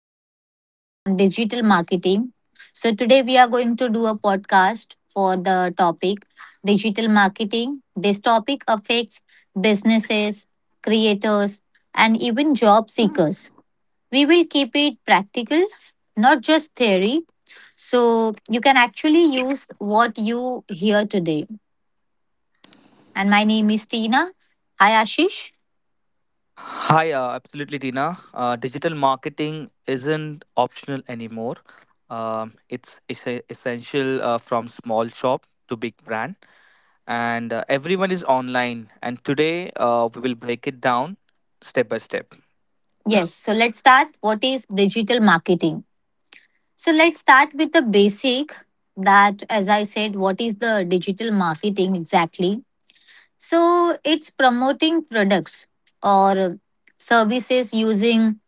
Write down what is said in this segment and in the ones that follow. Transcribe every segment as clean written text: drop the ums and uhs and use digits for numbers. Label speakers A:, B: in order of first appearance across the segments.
A: episode on digital marketing. So today we are going to do a podcast for the topic digital marketing. This topic affects businesses, creators and even job seekers. We will keep it practical, not just theory. So you can actually use what you hear today. And my name is Tina. Hi Ashish.
B: Hi, absolutely, Tina. Digital marketing isn't optional anymore. It's essential from small shop to big brand, and everyone is online. And today, we will break it down step by step.
A: Yes, so let's start. What is digital marketing? So let's start with the basic that, as I said, what is the digital marketing exactly? So it's promoting products or services using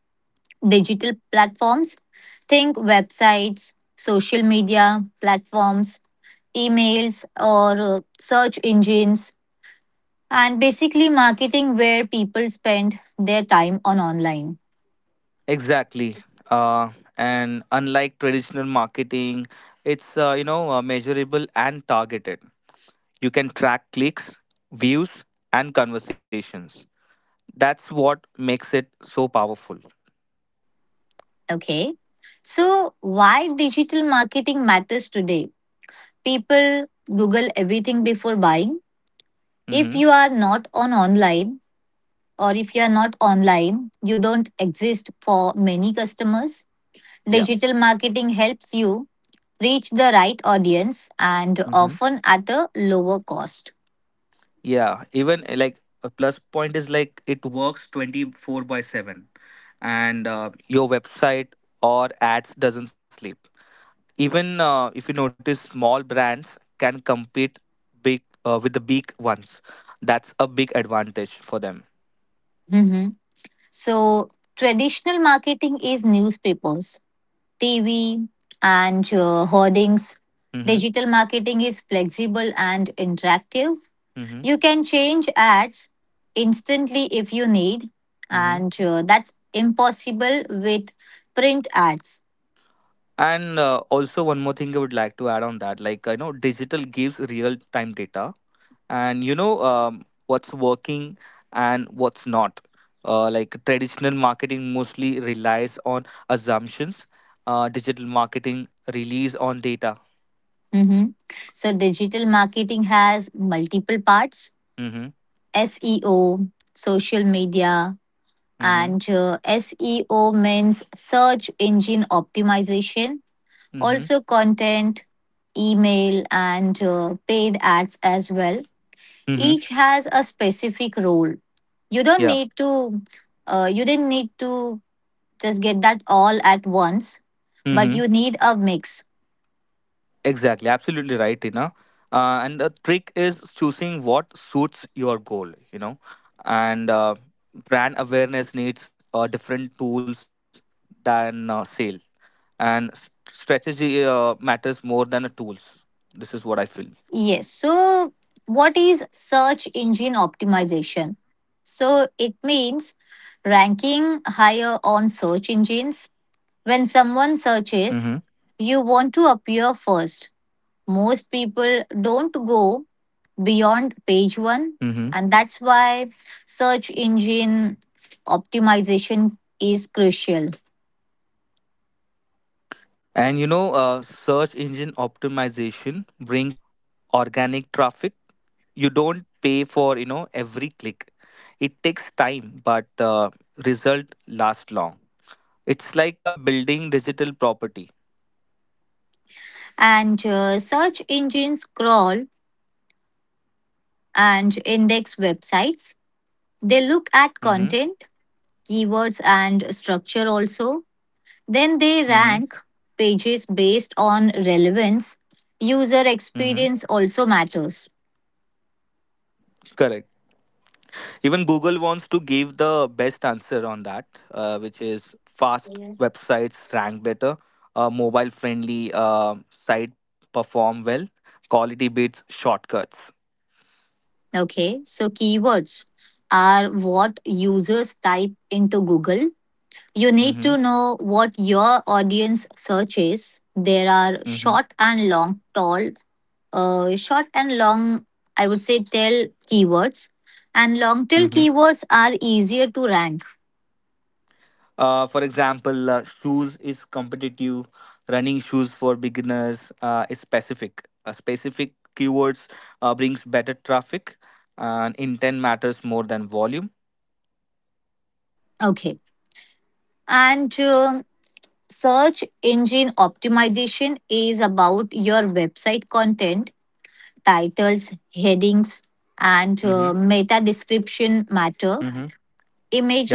A: digital platforms. Think websites, social media platforms, emails, or search engines, and basically marketing where people spend their time on online.
B: Exactly. Uh, and unlike traditional marketing, it's measurable and targeted. You can track clicks, views, and conversations. That's what makes it so powerful.
A: Okay. So, why digital marketing matters today? People Google everything before buying.
B: Mm-hmm.
A: If you are not on online or if you are not online, you don't exist for many customers.
B: Yeah.
A: Digital marketing helps you reach the right audience and
B: Hmm.
A: often at a lower cost.
B: Yeah. Even like a plus point is like it works 24 by 7, and your website or ads doesn't sleep. Even if you notice, small brands can compete big with the big ones. That's a big advantage for them.
A: Mhm. So, traditional marketing is newspapers, TV, and hoardings.
B: Mm-hmm.
A: Digital marketing is flexible and interactive.
B: Mm-hmm.
A: You can change ads instantly if you need,
B: Mm-hmm.
A: and that's impossible with print ads.
B: And also one more thing I would like to add on that, like I know digital gives real time data, and what's working and what's not. Like traditional marketing mostly relies on assumptions. Digital marketing relies on data.
A: Mhm. So, digital marketing has multiple parts
B: Mm-hmm.
A: SEO, social media,
B: Mm-hmm.
A: and SEO means search engine optimization,
B: Mm-hmm.
A: also content, email, and paid ads as well. Each
B: Mm-hmm.
A: has a specific role. You don't
B: Yeah.
A: need to, you didn't need to just get that all at once, but
B: Mm-hmm.
A: you need a mix.
B: Exactly. Absolutely right, Tina. And the trick is choosing what suits your goal. You know, and Brand awareness needs different tools than sale. And strategy matters more than the tools. This is what I feel.
A: Yes. So, what is search engine optimization? So, it means ranking higher on search engines. When someone searches,
B: Hmm.
A: you want to appear first. Most people don't go beyond page one.
B: Hmm.
A: And that's why search engine optimization is crucial.
B: And search engine optimization brings organic traffic. You don't pay for every click. It takes time, but result lasts long. It's like a building digital property.
A: And search engines crawl and index websites. They look at
B: Mm-hmm.
A: content, keywords, and structure also. Then they
B: Mm-hmm.
A: rank pages based on relevance. User
B: Mm-hmm.
A: experience also matters.
B: Correct. Even Google wants to give the best answer on that, which is fast websites rank better, mobile friendly site perform well, quality beats shortcuts.
A: Okay, so keywords are what users type into Google. You need to
B: Mm-hmm.
A: know what your audience search is. There are
B: Mm-hmm.
A: short and long, I would say tail keywords. And long tail
B: Mm-hmm.
A: keywords are easier to rank.
B: For example, shoes is competitive. Running shoes for beginners is specific. Specific keywords brings better traffic, and intent matters more than volume.
A: Okay. And search engine optimization is about your website content, titles, headings, and
B: Mm-hmm.
A: meta description matter.
B: Mm-hmm.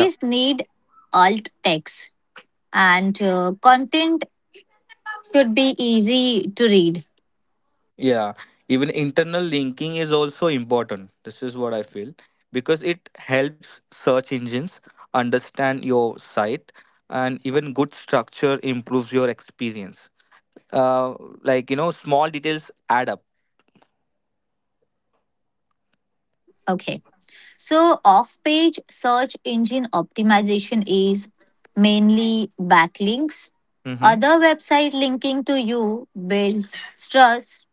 B: Yeah.
A: need alt text and content should be easy to read.
B: Yeah, even internal linking is also important. This is what I feel because it helps search engines understand your site, and even good structure improves your experience. Uh, Small details add up.
A: Okay. So, off page search engine optimization is mainly backlinks.
B: Mm-hmm.
A: Other website linking to you builds trust,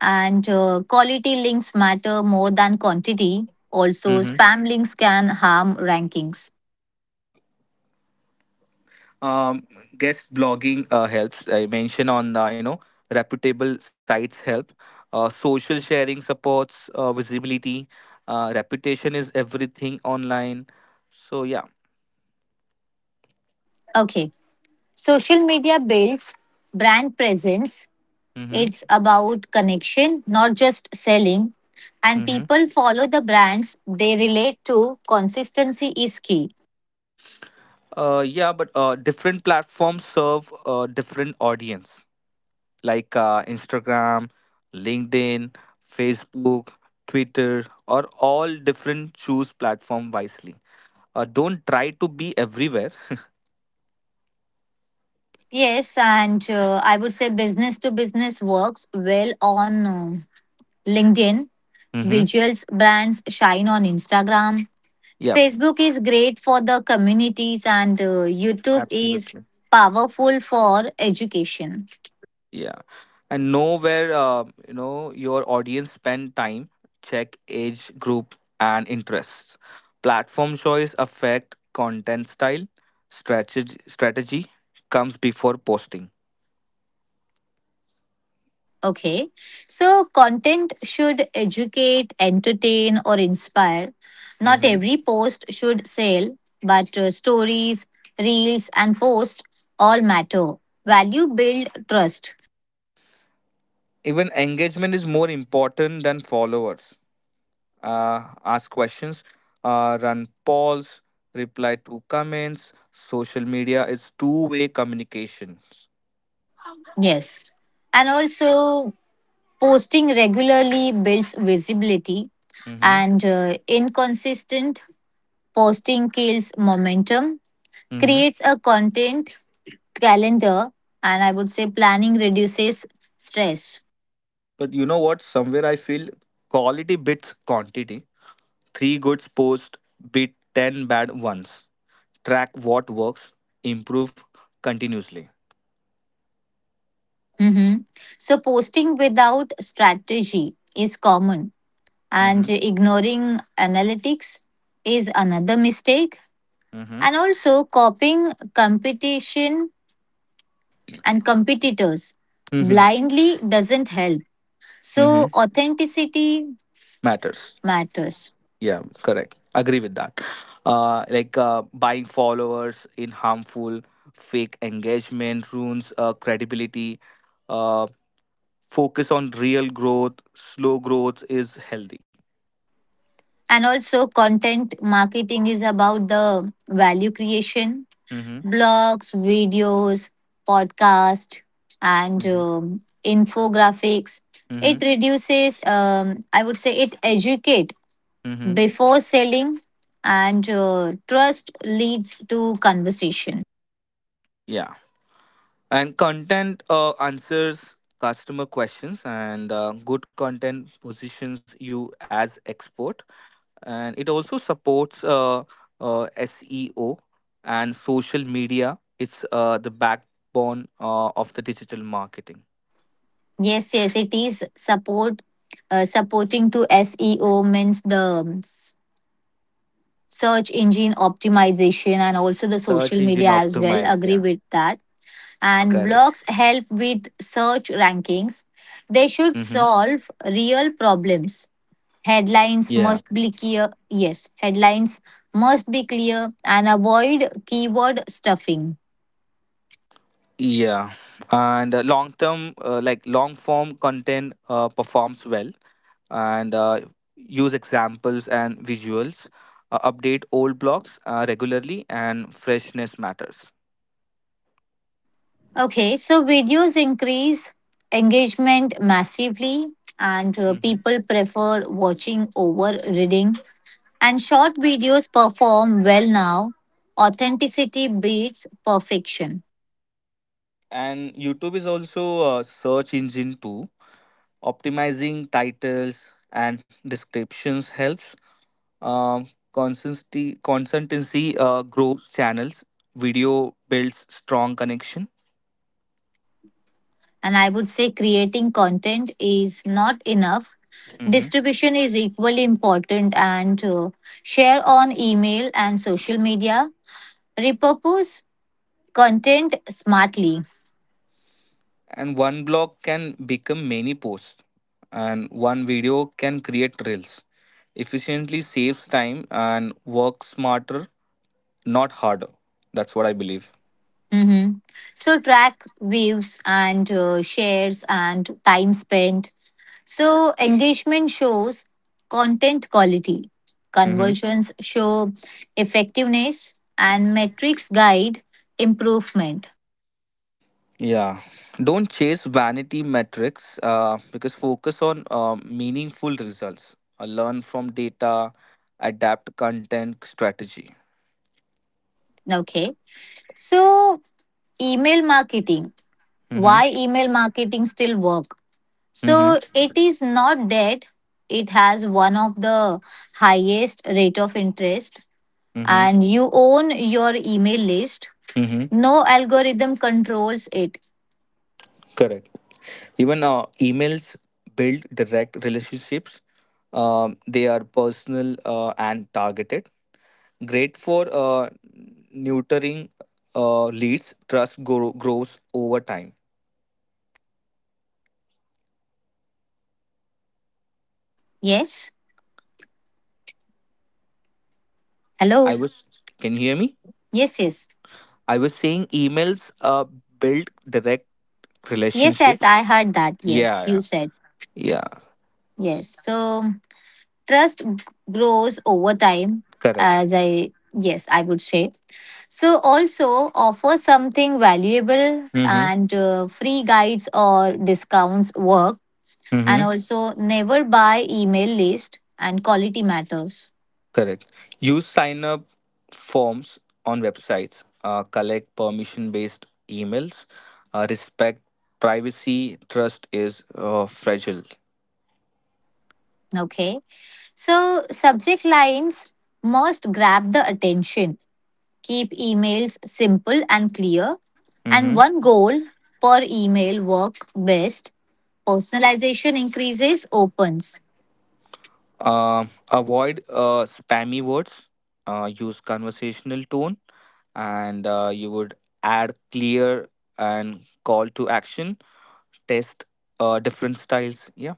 A: and quality links matter more than quantity. Also,
B: Mm-hmm.
A: spam links can harm rankings.
B: Um, Guest blogging helps. I mentioned on reputable sites help. Social sharing supports visibility. Reputation is everything online. So yeah.
A: Okay. Social media builds brand presence. It's
B: Mm-hmm.
A: about connection, not just selling. And
B: Mm-hmm.
A: people follow the brands they relate to. Consistency is key.
B: Yeah, but different platforms serve different audience, like Instagram, LinkedIn, Facebook, Twitter, or all different. Choose platform wisely. Don't try to be everywhere.
A: Yes, and I would say business to business works well on LinkedIn.
B: Mm-hmm.
A: Visuals brands shine on Instagram.
B: Yeah,
A: Facebook is great for the communities, and YouTube is
B: absolutely.
A: powerful for education.
B: Yeah. And know where your audience spend time, check age group and interests. Platform choice affect content style, strategy comes before posting.
A: Okay. So content should educate, entertain, or inspire. Not
B: Mhm.
A: every post should sell, but stories, reels, and posts all matter. Value build trust.
B: Even engagement is more important than followers. Ask questions, run polls, reply to comments. Social media is two-way communications.
A: Yes. And also, posting regularly builds visibility,
B: Mm-hmm.
A: and inconsistent posting kills momentum,
B: Mm-hmm.
A: creates a content calendar, and I would say planning reduces stress.
B: But you know what? Somewhere I feel quality beats quantity. Three goods post beat 10 bad ones. Track what works. Improve continuously.
A: Mhm. So, posting without strategy is common,
B: Mm-hmm.
A: and ignoring analytics is another mistake,
B: Mm-hmm.
A: and also copying competition and competitors
B: Mm-hmm.
A: blindly doesn't help. So,
B: Mm-hmm.
A: authenticity
B: Matters.
A: matters,
B: Yeah, correct. Agree with that. Like buying followers in harmful fake engagement ruins credibility. Uh, Focus on real growth, slow growth is healthy.
A: and also, content marketing is about the value creation
B: Mm-hmm.
A: blogs, videos, podcasts, and
B: Mm-hmm.
A: infographics.
B: Mm-hmm.
A: It reduces, I would say, it educate
B: Mm-hmm.
A: before selling, and trust leads to conversation.
B: Yeah. And content answers customer questions, and good content positions you as expert. And it also supports SEO and social media. It's the backbone of the digital marketing.
A: Yes, yes, it is support. Supporting to SEO means the search engine optimization and also the
B: Search
A: social
B: engine
A: media as well.
B: optimize.
A: Agree
B: Yeah,
A: with that. And blogs
B: correct.
A: help with search rankings. They should
B: Mm-hmm.
A: solve real problems. Headlines
B: Yeah,
A: must be clear. Yes, headlines must be clear and avoid keyword stuffing.
B: yeah, and long term, like long form content performs well, and use examples and visuals. Update old blogs regularly, and freshness matters.
A: Okay, so videos increase engagement massively, and
B: Hmm.
A: people prefer watching over reading. And short videos perform well now. Authenticity beats perfection.
B: And YouTube is also a search engine too. Optimizing titles and descriptions helps. Um, consistency grows channels. Video builds strong connection.
A: And I would say creating content is not enough.
B: Mhm.
A: Distribution is equally important and share on email and social media. Repurpose content smartly.
B: And one blog can become many posts, and one video can create reels. Efficiently saves time and works smarter, not harder. That's what I believe.
A: Mhm. So track views and shares and time spent. So engagement shows content quality.
B: Mhm.
A: Conversions show effectiveness and metrics guide improvement.
B: Yeah. Don't chase vanity metrics because focus on meaningful results. Learn from data, adapt content strategy.
A: Okay. So email marketing,
B: Mm-hmm.
A: why email marketing still work?
B: Mm-hmm.
A: So it is not dead. It has one of the highest rate of interest
B: Mm-hmm.
A: and you own your email list.
B: Mm-hmm.
A: No algorithm controls it.
B: Correct. Even emails build direct relationships. They are personal and targeted. Great for neutering leads. Trust grows over time.
A: Yes.
B: I
A: Hello.
B: was. Can you hear me?
A: Yes, yes.
B: I was saying emails build direct
A: Yes, yes,
B: relationships.
A: I heard that. Yes,
B: Yeah, yeah,
A: you said.
B: yeah.
A: Yes, so trust grows over time.
B: Correct.
A: As I, yes, I would say, so, also offer something valuable
B: Mm-hmm.
A: and free guides or discounts work, and
B: Mm-hmm.
A: also never buy email list and quality matters.
B: Correct. Use sign up forms on websites. Collect permission based emails. Respect privacy. Trust is fragile.
A: Okay, so subject lines must grab the attention, keep emails simple and clear,
B: Mm-hmm.
A: and one goal per email work best. Personalization increases opens.
B: Avoid spammy words. Use conversational tone, and you would add clear and call to action test different styles. Yeah,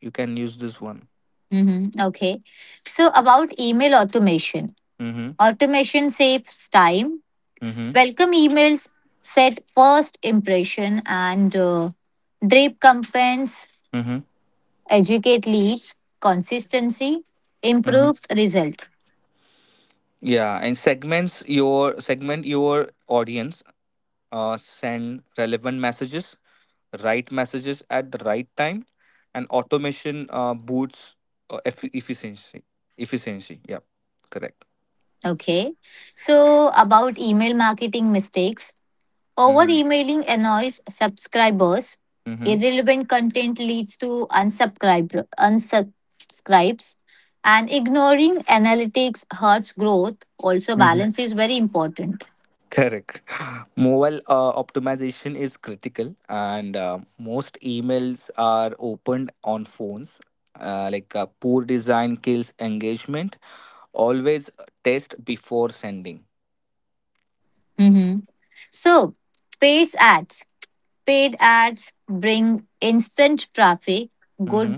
B: you can use this one.
A: Mhm. Okay, so about email automation.
B: Mm-hmm.
A: Automation saves time.
B: Mm-hmm.
A: Welcome emails set first impression and drape campaigns
B: Mm-hmm.
A: educate leads. Consistency
B: Mm-hmm.
A: improves result.
B: Yeah, and segment your audience. Send relevant messages, right messages at the right time. And automation boosts uh, eff- efficiency efficiency. Yeah, correct.
A: Okay. So about email marketing mistakes. Over
B: Mm-hmm.
A: emailing annoys subscribers.
B: Mm-hmm.
A: Irrelevant content leads to unsubscribes. And ignoring analytics hurts growth. Also,
B: Mm-hmm.
A: balance is very important.
B: Correct. Mobile optimization is critical, and most emails are opened on phones. Like poor design kills engagement. Always test before sending.
A: Mhm. So, paid ads. Paid ads bring instant traffic, good,
B: Mm-hmm.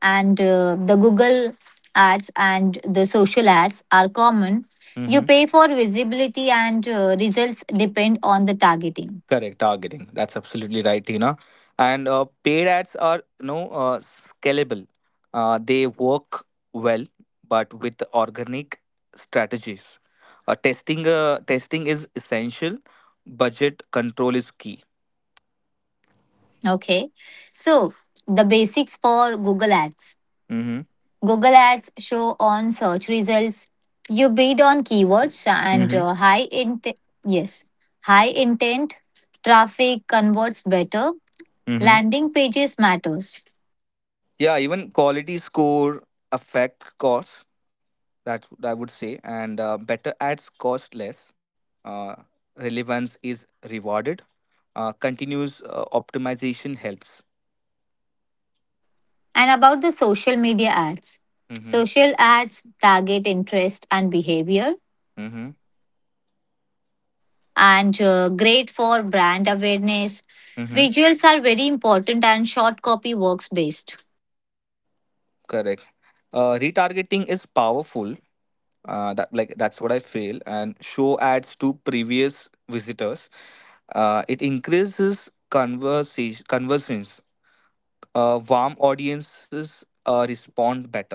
A: and the Google ads and the social ads are common. You
B: Mm-hmm.
A: pay for visibility, and results depend on the targeting.
B: Correct, targeting. That's absolutely right, Tina. And paid ads are, scalable. They work well, but with organic strategies. Testing is essential. Budget control is key.
A: Okay. So, the basics for Google ads.
B: Mm-hmm.
A: Google ads show on search results. You bid on keywords and
B: Mm-hmm.
A: high intent. Yes. High intent traffic converts better.
B: Mm-hmm.
A: Landing pages matters.
B: Yeah, even quality score affect costs. That I would say, and better ads cost less. Uh, Relevance is rewarded. Continuous optimization helps.
A: And about the social media ads.
B: Mhm,
A: Social ads target interest and behavior
B: mhm,
A: and great for brand awareness.
B: mhm,
A: Visuals are very important and short copy works best.
B: correct. Retargeting is powerful. That's what I feel. And show ads to previous visitors. It increases conversation conversions. Warm audiences respond better.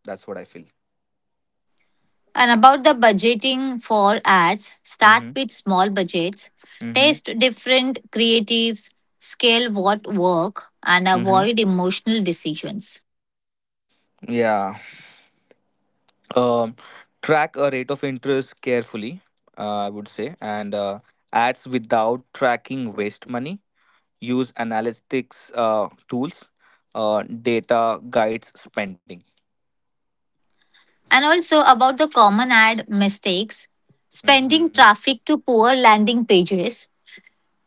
B: That's what I feel.
A: And about the budgeting for ads, start
B: Mm-hmm.
A: with small budgets,
B: Mm-hmm.
A: test different creatives, scale what work and
B: Mm-hmm.
A: avoid emotional decisions.
B: Yeah. Um, Track a rate of interest carefully. I would say, and ads without tracking waste money. Use analytics tools, data guides spending.
A: And also about the common ad mistakes,
B: Hmm.
A: spending traffic to poor landing pages,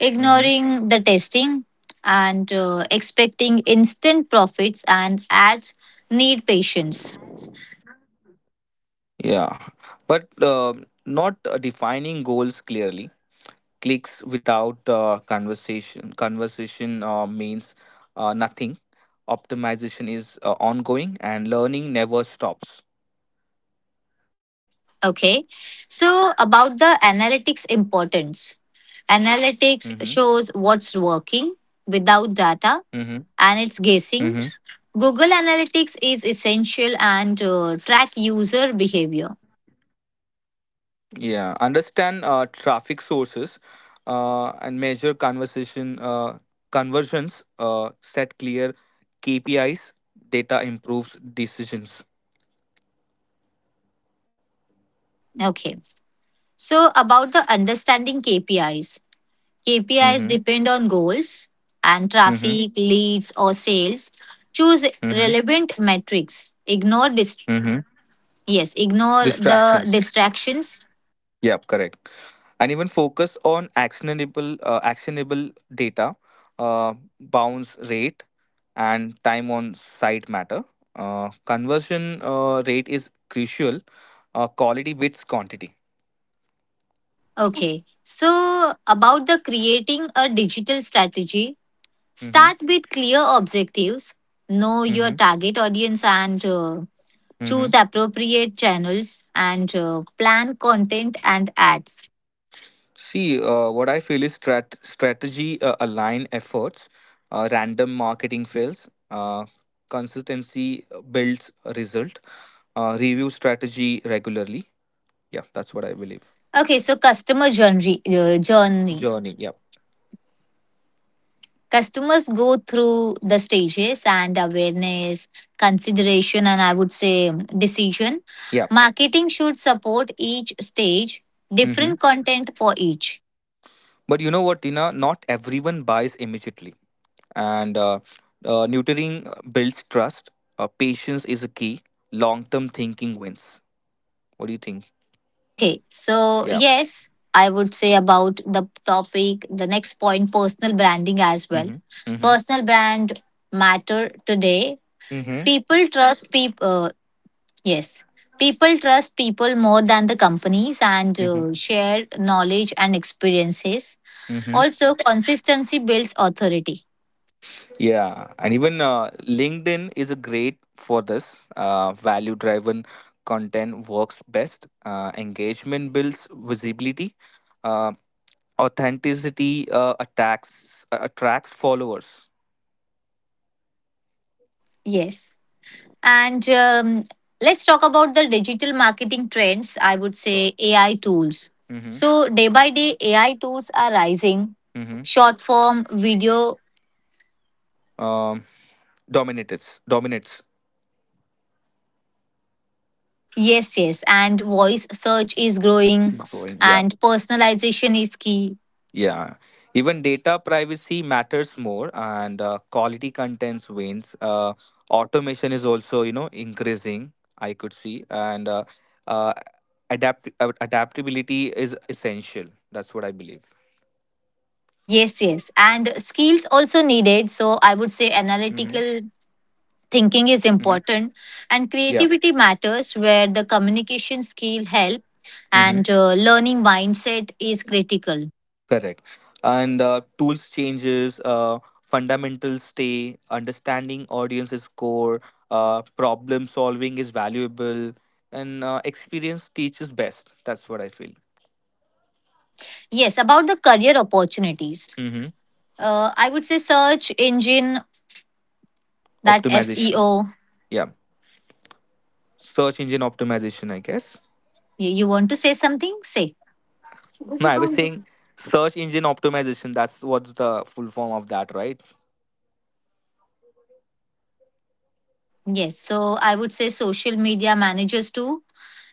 B: Hmm.
A: the testing, and expecting instant profits, and ads need patience.
B: Yeah, but not defining goals clearly. Clicks without conversation. Conversation means nothing. Optimization is ongoing, and learning never stops.
A: Okay. So, about the analytics importance, analytics
B: Mm-hmm.
A: shows what's working without data
B: Mm-hmm.
A: and it's
B: Mm-hmm.
A: guessing. Google Analytics is essential and track user behavior.
B: Yeah, understand traffic sources and measure conversation conversions. Set clear KPIs. Data improves decisions.
A: Okay. So, about the understanding KPIs, KPIs
B: Mm-hmm.
A: depend on goals and
B: Mm-hmm.
A: traffic, leads, or sales. Choose
B: Mm-hmm.
A: relevant metrics. Ignore
B: Mm-hmm.
A: yes, ignore the
B: Distractions.
A: distractions.
B: Yep, correct. And even focus on actionable data, uh, bounce rate, and time on site matter. Conversion rate is crucial. Quality beats quantity.
A: Okay. So, about the creating a digital strategy,
B: Mm-hmm.
A: start with clear objectives. Know your
B: Mm-hmm.
A: target audience and
B: Mm-hmm.
A: choose appropriate channels and plan content and ads.
B: See, what I feel is strategy align efforts, random marketing fails, consistency builds a result, review strategy regularly. Yeah, that's what I believe.
A: Okay, so customer journey, journey.
B: Journey. Yeah.
A: Customers go through the stages and awareness, consideration, and I would say decision.
B: Yeah.
A: Marketing should support each stage,
B: Mm-hmm.
A: different content for each.
B: But you know what, Tina? Not everyone buys immediately. And neutering builds trust. Patience is a key. Long term thinking wins. What do you think?
A: Okay, so
B: Yeah.
A: yes, I would say about the topic, the next point personal branding as well.
B: Mm-hmm. Mm-hmm.
A: Personal brand matter today.
B: Mm-hmm.
A: People trust people. Yes. People trust people more than the companies and share knowledge and experiences.
B: Mm-hmm.
A: Also, consistency builds authority.
B: Yeah, and even LinkedIn is a great for this. Value-driven content works best. Engagement builds visibility. Uh, Authenticity attacks attracts followers.
A: Yes. And let's talk about the digital marketing trends. I would
B: Sure.
A: say AI tools.
B: Mm-hmm.
A: So, day by day, AI tools are rising.
B: Mm-hmm.
A: Short form video,
B: Um, Dominates. Dominates.
A: yes, yes. And voice search is growing.
B: Growing. Yeah.
A: And personalization is key.
B: Yeah, even data privacy matters more, and quality contents wins. Automation is also, increasing. I could see, and uh, adaptability is essential. That's what I believe.
A: Yes, yes. And skills also needed. So I would
B: Mm-hmm.
A: say analytical
B: Mm-hmm.
A: thinking is important
B: Yeah.
A: and creativity matters where the communication skill help
B: Mm-hmm.
A: and learning mindset is critical.
B: Correct. And tools changes. Fundamentals stay. Understanding audience is core. Problem solving is valuable, and experience teaches best. That's what I feel.
A: Yes, about the career opportunities.
B: Mm-hmm.
A: I would say search engine that
B: Optimization.
A: SEO.
B: Yeah. Search engine optimization, I guess.
A: You want to say something? Say.
B: No, I was saying search engine optimization. That's what's the full form of that, right?
A: Yes. So I would say social media managers too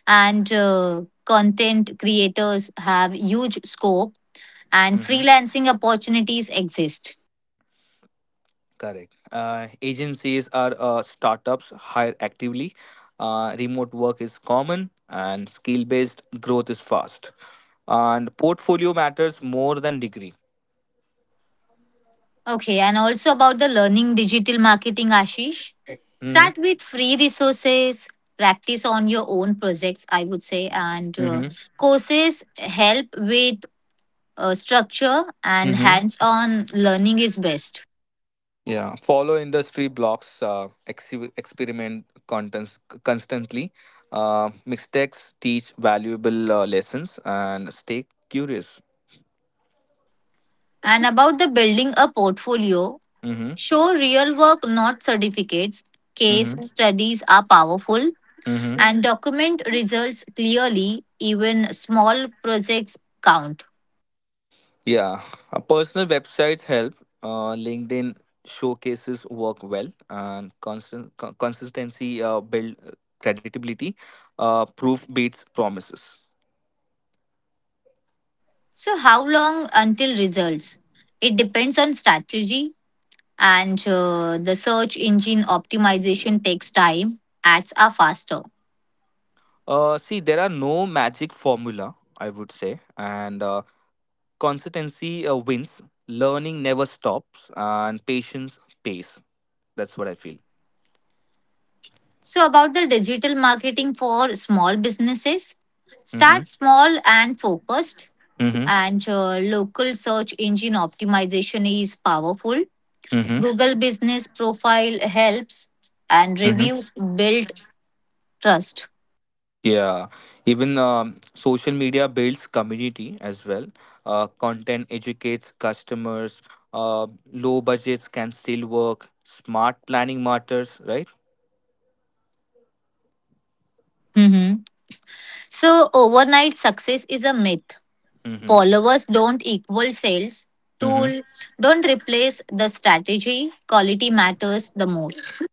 A: and content creators have huge scope and
B: Mm-hmm.
A: freelancing opportunities exist.
B: Correct. Agencies are startups hire actively. Remote work is common and skill based growth is fast. And portfolio matters more than degree.
A: Okay, and also about the learning digital marketing, Ashish. Start with free resources, practice on your own projects, I would say, and
B: Mm-hmm.
A: courses help with structure and
B: Mm-hmm.
A: hands on learning is best.
B: Yeah, follow industry blocks, experiment contents constantly. Mistakes teach valuable lessons and stay curious.
A: And about the building a portfolio,
B: Mm-hmm.
A: show real work, not certificates. Case
B: Mm-hmm.
A: studies are powerful
B: Mm-hmm.
A: and document results clearly, even small projects count.
B: Yeah, personal websites help. LinkedIn showcases work well, and consistency build credibility. Proof beats promises.
A: So, how long until results? It depends on strategy, and the search engine optimization takes time, ads are faster.
B: See, there are no magic formula, I would say, and consistency wins. Learning never stops, and patience pays. That's what I feel.
A: So, about the digital marketing for small businesses,
B: Mm-hmm.
A: start small and focused,
B: Mm-hmm.
A: and local search engine optimization is powerful.
B: Mm-hmm.
A: Google Business Profile helps, and
B: Mm-hmm.
A: reviews build trust.
B: Yeah. Even social media builds community as well. Content educates customers. Uh, Low budgets can still work. Smart planning matters, right?
A: Mhm. So, overnight success is a myth.
B: Mm-hmm.
A: Followers don't equal sales.
B: Mm-hmm.
A: Tool don't replace the strategy. Quality matters the most.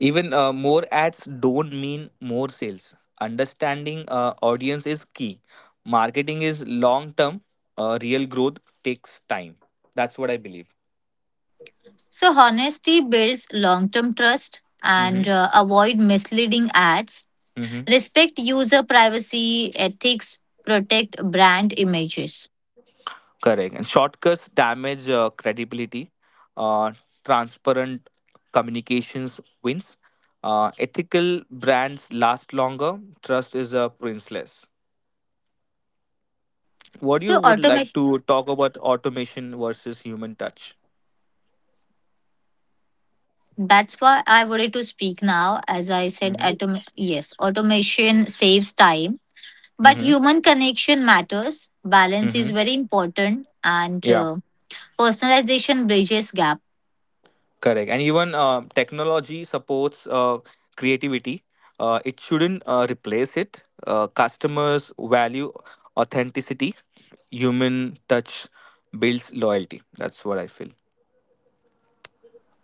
B: Even more ads don't mean more sales. Understanding audience is key. Marketing is long term. Real growth takes time. That's what I believe.
A: So, honesty builds long term trust and
B: Hmm.
A: avoid misleading ads.
B: Hmm.
A: Respect user privacy, ethics, protect brand images.
B: Correct. And shortcuts damage credibility. Uh, Transparent communications wins. Ethical brands last longer. Trust is priceless. What you
A: So,
B: would like
A: automation.
B: to talk about automation versus human touch?
A: That's why I wanted to speak now. As I said,
B: Hmm.
A: yes, automation saves time. But
B: Hmm.
A: human connection matters. Balance is
B: Hmm.
A: very important, and
B: Yeah.
A: personalization bridges gap.
B: Correct. And even technology supports creativity. It shouldn't replace it. Customers value authenticity. Human touch builds loyalty. That's what I feel.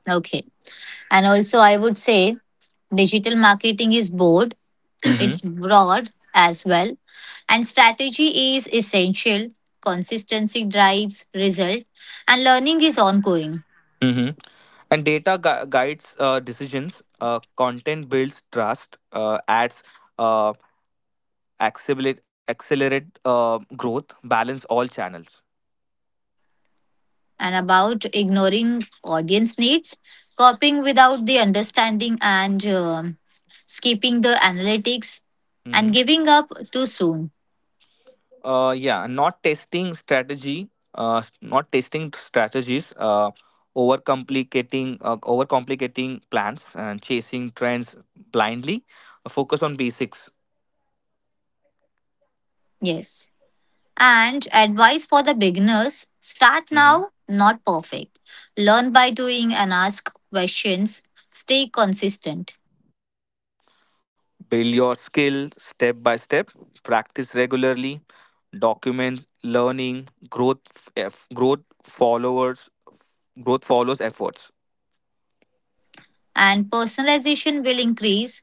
A: Okay, and also I would say digital marketing is broad.
B: Hmm.
A: It's broad as well, and strategy is essential. Consistency drives result, and learning is ongoing.
B: Hmm. And guides decisions. Content builds trust. Ads uh, accelerate growth. Balance all channels.
A: And about ignoring audience needs, copying without the understanding, and skipping the analytics, and
B: Mm-hmm.
A: giving up too soon.
B: Yeah, not testing strategy, not testing strategies, overcomplicating plans and chasing trends blindly. Focus on basics.
A: Yes. And advice for the beginners start
B: Hmm.
A: now, not perfect. Learn by doing and ask questions. Stay consistent.
B: Build your skill step by step. Practice regularly. Document learning, growth, f- growth followers, growth follows efforts.
A: And personalization will increase.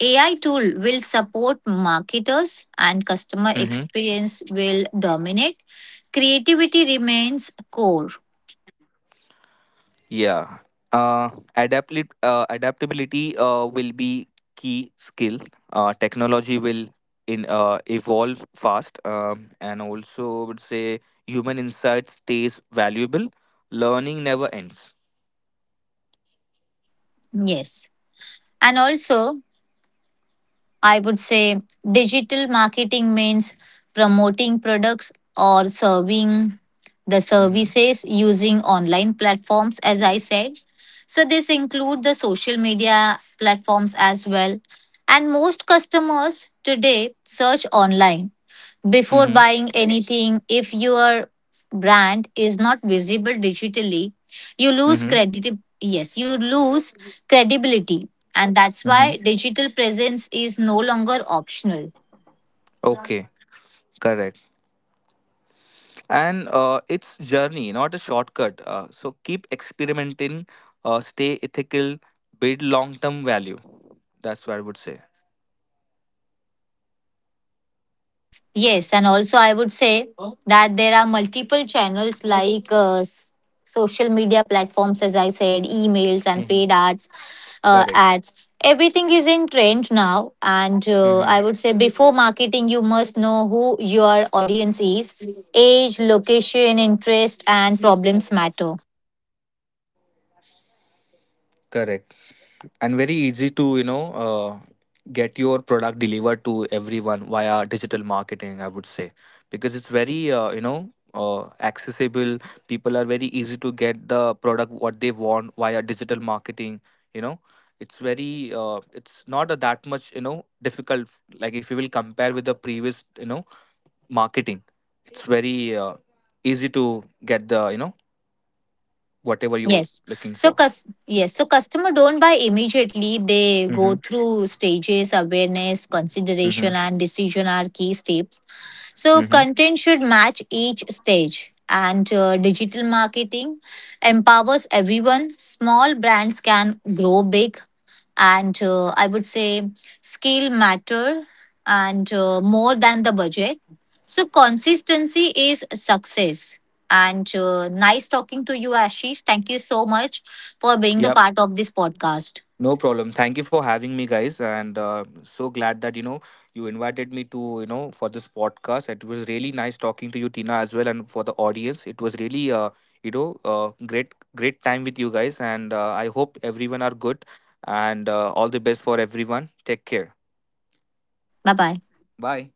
A: AI tool will support marketers and customer
B: Mm-hmm.
A: experience will dominate. Creativity remains core.
B: Yeah. Uh, Adaptability will be key skill. Technology will in evolve fast, and also would say human insight stays valuable. Learning never ends.
A: Yes. And also, I would say digital marketing means promoting products or serving the
B: Mm-hmm.
A: services using online platforms, as I said. So, this include the social media platforms as well. And most customers today search online before
B: Mm-hmm.
A: buying anything, if your brand is not visible digitally, you lose
B: Mm-hmm.
A: credit. Yes, you lose credibility, and that's
B: Mm-hmm.
A: why digital presence is no longer optional.
B: Okay, correct. And it's journey, not a shortcut. So keep experimenting, stay ethical, build long-term value. That's what I would say.
A: Yes, and also I would say that there are multiple channels like social media platforms as I said, emails and
B: Mm-hmm.
A: paid ads,
B: Correct.
A: ads, everything is in trend now and
B: Mm-hmm.
A: I would say before marketing you must know who your audience is. Age, location, interest and problems matter.
B: Correct. And very easy to, get your product delivered to everyone via digital marketing, I would say, because it's very, accessible. People are very easy to get the product what they want via digital marketing, you know. It's very, it's not a, that much, difficult. Like if you will compare with the previous, marketing, it's very easy to get the, whatever you
A: Yes,
B: looking
A: so
B: for.
A: yes, so customer don't buy immediately, they go
B: Mm-hmm.
A: through stages, awareness, consideration
B: Mm-hmm.
A: and decision are key steps. So,
B: Mm-hmm.
A: content should match each stage. And digital marketing empowers everyone. Small brands can grow big. And I would say skill matter and more than the budget. So, consistency is success. And nice talking to you, Ashish. Thank you so much for being the
B: Yep.
A: part of this podcast.
B: No problem. Thank you for having me, guys, and so glad that you invited me to for this podcast. It was really nice talking to you, Tina, as well, and for the audience. It was really you know uh, great great time with you guys, and I hope everyone are good, and all the best for everyone. Take care.
A: Bye bye.
B: Bye.